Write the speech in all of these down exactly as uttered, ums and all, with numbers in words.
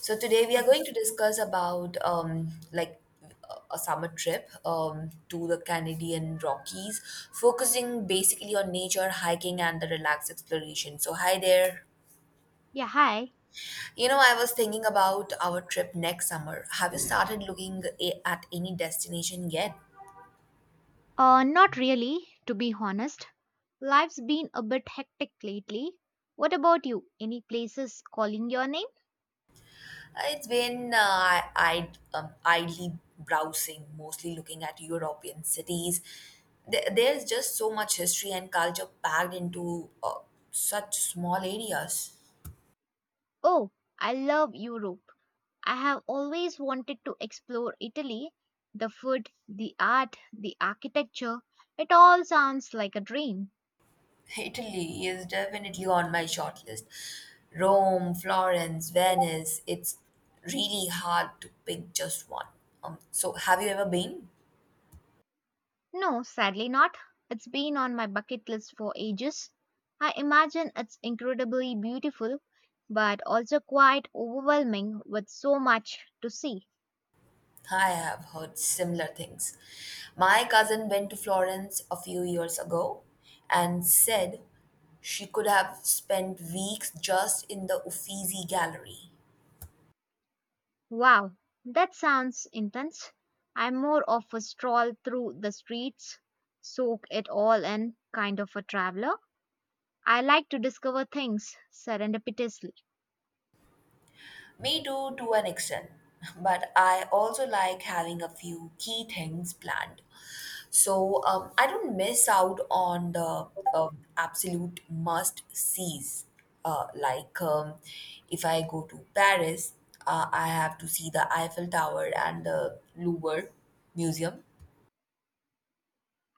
So today we are going to discuss about um, like a a summer trip um, to the Canadian Rockies, focusing basically on nature, hiking, and the relaxed exploration. So hi there. Yeah, hi. You know, I was thinking about our trip next summer. Have you started looking a- at any destination yet? Uh, not really, to be honest. Life's been a bit hectic lately. What about you? Any places calling your name? Uh, It's been uh, I um, idly browsing, mostly looking at European cities. There- There's just so much history and culture packed into uh, such small areas. Oh, I love Europe. I have always wanted to explore Italy. The food, the art, the architecture, it all sounds like a dream. Italy is definitely on my short list. Rome, Florence, Venice. It's really hard to pick just one. Um, so, have you ever been? No, sadly not. It's been on my bucket list for ages. I imagine it's incredibly beautiful, but also quite overwhelming with so much to see. I have heard similar things. My cousin went to Florence a few years ago and said she could have spent weeks just in the Uffizi Gallery. Wow, that sounds intense. I'm more of a stroll through the streets, soak it all in, kind of a traveler. I like to discover things serendipitously. Me too, to an extent. But I also like having a few key things planned. So um, I don't miss out on the uh, absolute must sees. Uh, like um, if I go to Paris, uh, I have to see the Eiffel Tower and the Louvre Museum.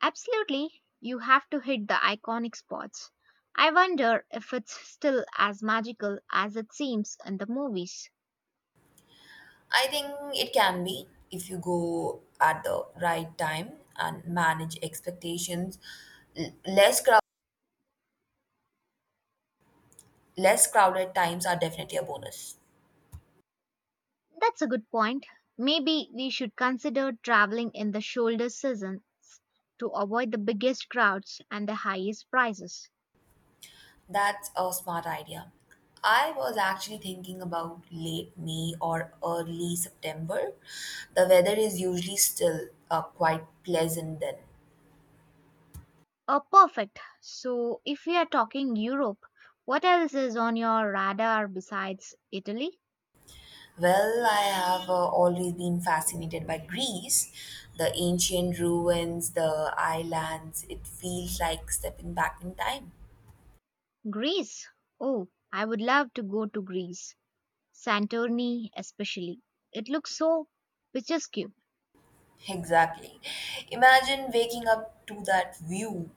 Absolutely, you have to hit the iconic spots. I wonder if it's still as magical as it seems in the movies. I think it can be if you go at the right time and manage expectations. L- less crowded less crowded times are definitely a bonus. That's a good point. Maybe we should consider traveling in the shoulder seasons to avoid the biggest crowds and the highest prices. That's a smart idea. I was actually thinking about late May or early September. The weather is usually still uh, quite pleasant then. Oh, perfect. So, if we are talking Europe, what else is on your radar besides Italy? Well, I have uh, always been fascinated by Greece, the ancient ruins, the islands. It feels like stepping back in time. Greece. Oh, I would love to go to Greece. Santorini, especially. It looks so picturesque. Exactly. Imagine waking up to that view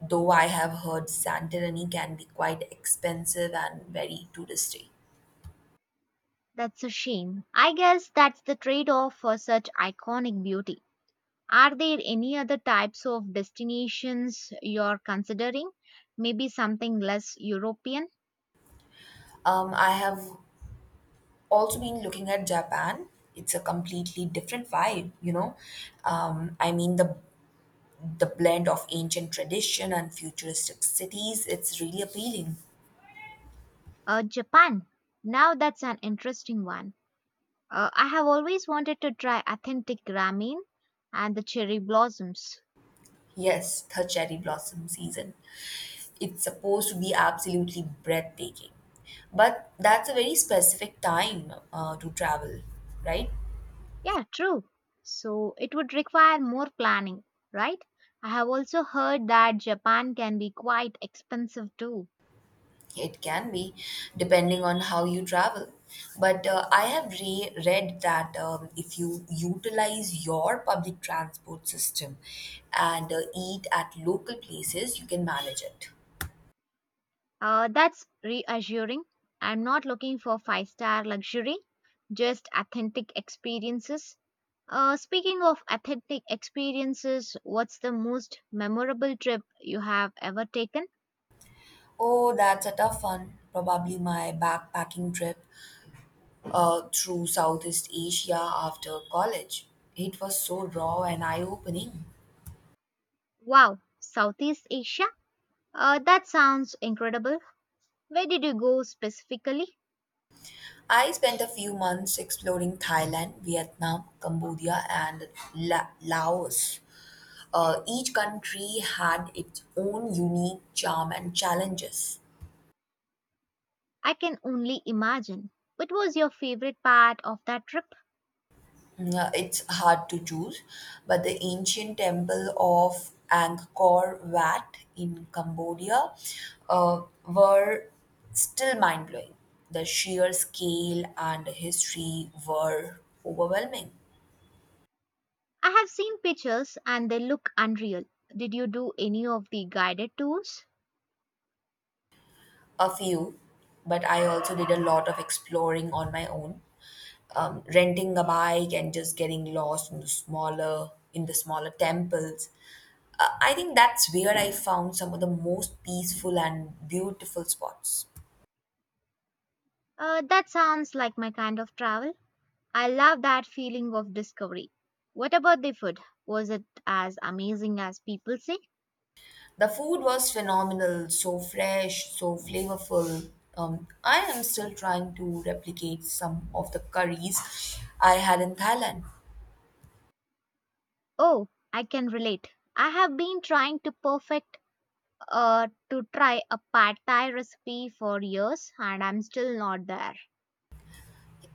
though I have heard Santorini can be quite expensive and very touristy. That's a shame. I guess that's the trade off for such iconic beauty. Are there any other types of destinations you're considering? Maybe something less European? Um, I have also been looking at Japan. It's a completely different vibe, you know. Um, I mean the the blend of ancient tradition and futuristic cities. It's really appealing. Uh, Japan. Now that's an interesting one. Uh, I have always wanted to try authentic ramen and the cherry blossoms. Yes, the cherry blossom season. It's supposed to be absolutely breathtaking, but that's a very specific time uh, to travel, right? Yeah, true. So it would require more planning, right? I have also heard that Japan can be quite expensive too. It can be, depending on how you travel. But uh, I have re- read that um, if you utilize your public transport system and uh, eat at local places, you can manage it. Uh, that's reassuring. I'm not looking for five star luxury, just authentic experiences. Uh, speaking of authentic experiences, what's the most memorable trip you have ever taken? Oh, that's a tough one. Probably my backpacking trip uh, through Southeast Asia after college. It was so raw and eye opening. Wow, Southeast Asia? Uh, that sounds incredible. Where did you go specifically? I spent a few months exploring Thailand, Vietnam, Cambodia, and La- Laos. Uh, each country had its own unique charm and challenges. I can only imagine. What was your favorite part of that trip? Mm, uh, It's hard to choose, but the ancient temple of Angkor Wat in Cambodia uh, were still mind blowing. The sheer scale and history were overwhelming. I have seen pictures and they look unreal. Did you do any of the guided tours? A few, but I also did a lot of exploring on my own. Um, renting a bike and just getting lost in the smaller in the smaller temples. Uh, I think that's where I found some of the most peaceful and beautiful spots. Uh, that sounds like my kind of travel. I love that feeling of discovery. What about the food? Was it as amazing as people say? The food was phenomenal, so fresh, so flavorful. Um, I am still trying to replicate some of the curries I had in Thailand. Oh, I can relate. I have been trying to perfect uh, to try a pad thai recipe for years and I'm still not there.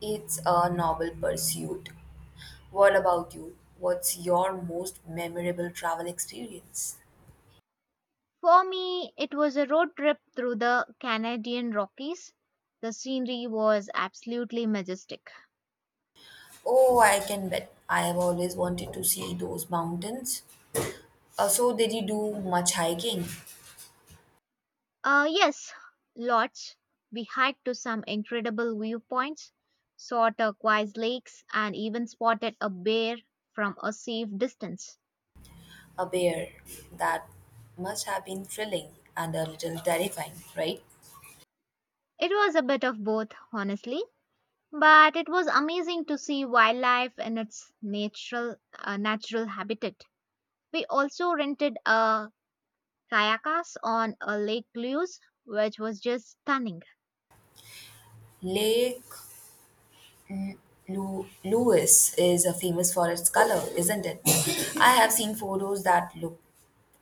It's a noble pursuit. What about you? What's your most memorable travel experience? For me, it was a road trip through the Canadian Rockies. The scenery was absolutely majestic. Oh, I can bet. I have always wanted to see those mountains. Uh, so, did you do much hiking? Uh, yes, lots. We hiked to some incredible viewpoints, saw turquoise lakes, and even spotted a bear from a safe distance. A bear. That must have been thrilling and a little terrifying, right? It was a bit of both, honestly. But it was amazing to see wildlife in its natural uh, natural habitat. We also rented a kayakas on a Lake Lewis, which was just stunning. Lake L- Lu- Louise is uh, famous for its color, isn't it? I have seen photos that look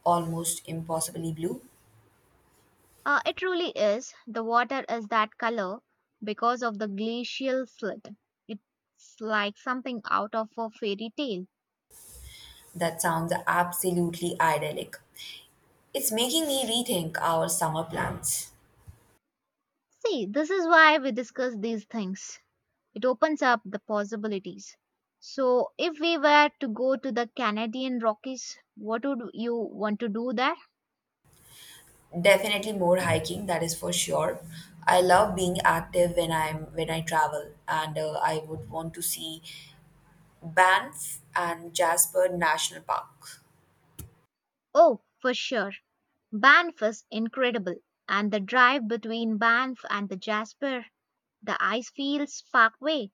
almost impossibly blue. Uh, it really is. The water is that color because of the glacial slit. It's like something out of a fairy tale. That sounds absolutely idyllic. It's making me rethink our summer plans. See, this is why we discuss these things. It opens up the possibilities. So, if we were to go to the Canadian Rockies, what would you want to do there? Definitely more hiking, that is for sure. I love being active when I'm when I travel, and uh, I would want to see Banff and Jasper National Park. Oh, for sure. Banff is incredible, and the drive between Banff and the Jasper, the Icefields Parkway,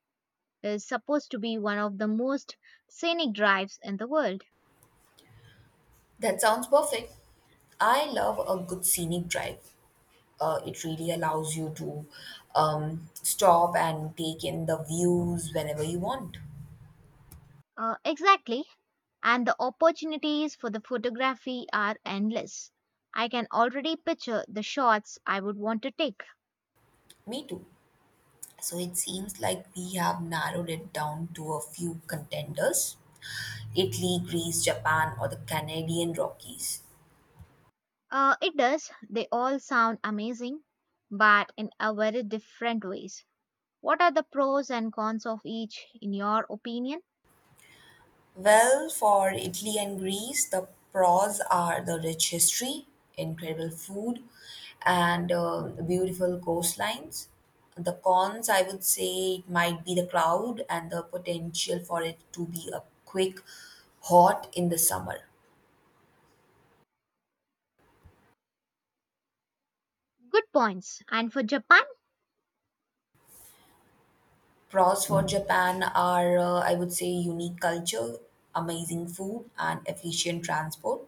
is supposed to be one of the most scenic drives in the world. That sounds perfect. I love a good scenic drive. Uh, it really allows you to um, stop and take in the views whenever you want. Uh, exactly, and the opportunities for the photography are endless. I can already picture the shots I would want to take. Me too. So it seems like we have narrowed it down to a few contenders: Italy, Greece, Japan, or the Canadian Rockies. Uh, it does. They all sound amazing, but in a very different ways. What are the pros and cons of each, in your opinion? Well, for Italy and Greece, the pros are the rich history, incredible food, and uh, beautiful coastlines. The cons, I would say, it might be the crowd and the potential for it to be a quick hot in the summer. Good points. And for Japan, Pros for Japan are, uh, I would say, unique culture, amazing food, and efficient transport.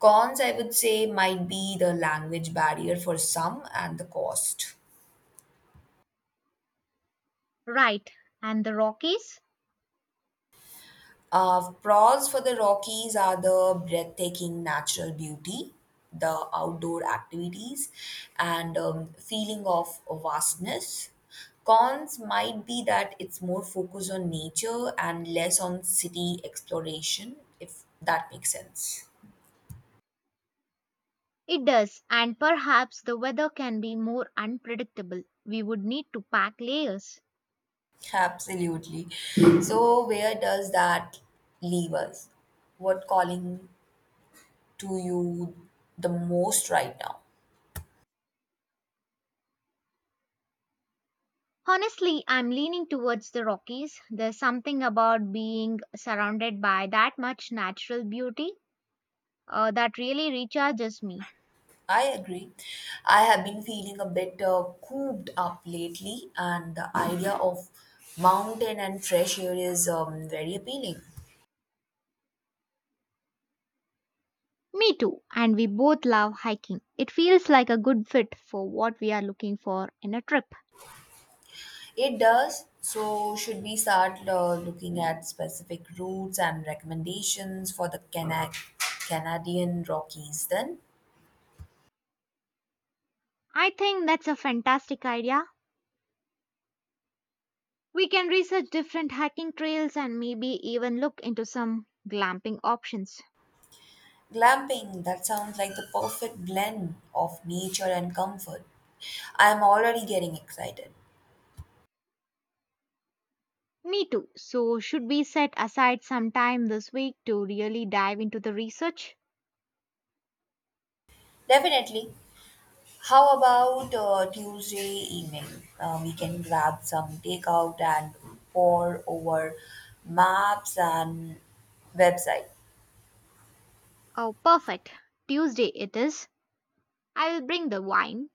Cons, I would say, might be the language barrier for some and the cost. right. And the Rockies, Uh, pros for the Rockies are the breathtaking natural beauty, the outdoor activities, and um, feeling of vastness. Cons might be that it's more focused on nature and less on city exploration, if that makes sense. it does. And perhaps the weather can be more unpredictable. We would need to pack layers. Absolutely. So, where does that leave us? What calling to you the most right now? Honestly, I'm leaning towards the Rockies. There's something about being surrounded by that much natural beauty uh, that really recharges me. I agree. I have been feeling a bit uh, cooped up lately, and the idea of mountain and fresh air is um, very appealing. Me too, and we both love hiking. It feels like a good fit for what we are looking for in a trip. It does. So, should we start uh, looking at specific routes and recommendations for the Cana- Canadian Rockies then? I think that's a fantastic idea. We can research different hiking trails and maybe even look into some glamping options. Glamping, that sounds like the perfect blend of nature and comfort. I'm already getting excited. Me too. So, should we set aside some time this week to really dive into the research? Definitely. How about uh, Tuesday evening? Uh, we can grab some takeout and pour over maps and website. Oh, perfect. Tuesday it is. I will bring the wine.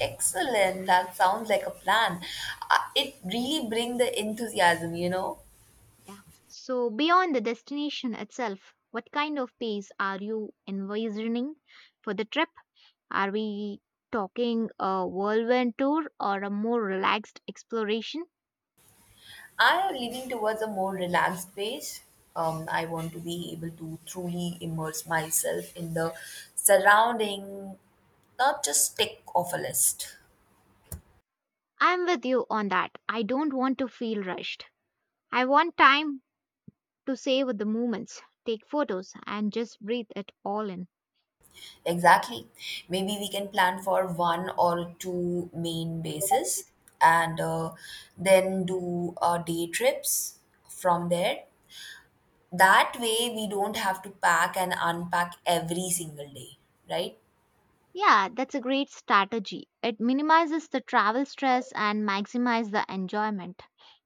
Excellent. That sounds like a plan. Uh, it really brings the enthusiasm, you know. Yeah. So, beyond the destination itself, what kind of pace are you envisioning for the trip? Are we talking a whirlwind tour or a more relaxed exploration? I am leaning towards a more relaxed pace. Um, I want to be able to truly immerse myself in the surrounding, not just tick off a list. I'm with you on that. I don't want to feel rushed. I want time to savor the moments, take photos, and just breathe it all in. Exactly. Maybe we can plan for one or two main bases and uh, then do uh, day trips from there. That way, we don't have to pack and unpack every single day, right? Yeah, that's a great strategy. It minimizes the travel stress and maximizes the enjoyment.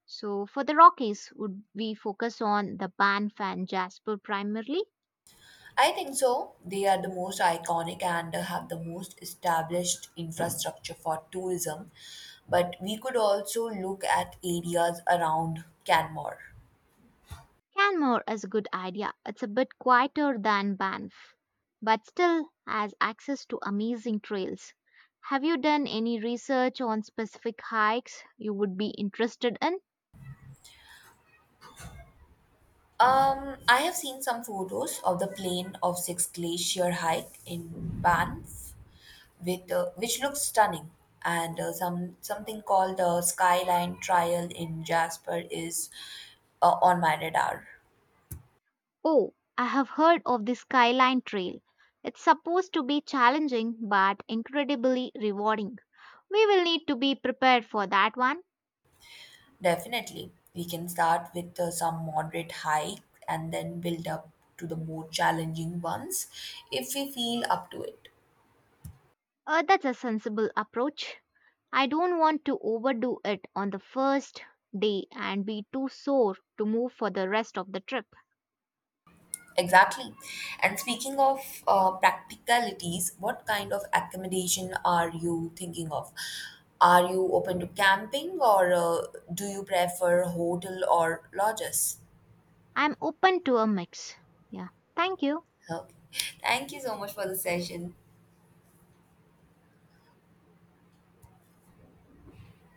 So, for the Rockies, would we focus on the Banff and Jasper primarily? I think so. They are the most iconic and have the most established infrastructure for tourism. But we could also look at areas around Canmore. Canmore is a good idea. It's a bit quieter than Banff, but still has access to amazing trails. Have you done any research on specific hikes you would be interested in? Um, I have seen some photos of the plain of Six Glacier hike in Banff, with uh, which looks stunning, and uh, some something called the Skyline Trial in Jasper is uh, on my radar. Oh, I have heard of the Skyline Trail. It's supposed to be challenging but incredibly rewarding. We will need to be prepared for that one. Definitely, we can start with uh, some moderate hike and then build up to the more challenging ones if we feel up to it. Uh, that's a sensible approach. I don't want to overdo it on the first day and be too sore to move for the rest of the trip. Exactly. And speaking of uh, practicalities, what kind of accommodation are you thinking of? Are you open to camping or uh, do you prefer hotel or lodges? I'm open to a mix. Yeah. Thank you. Okay. Thank you so much for the session.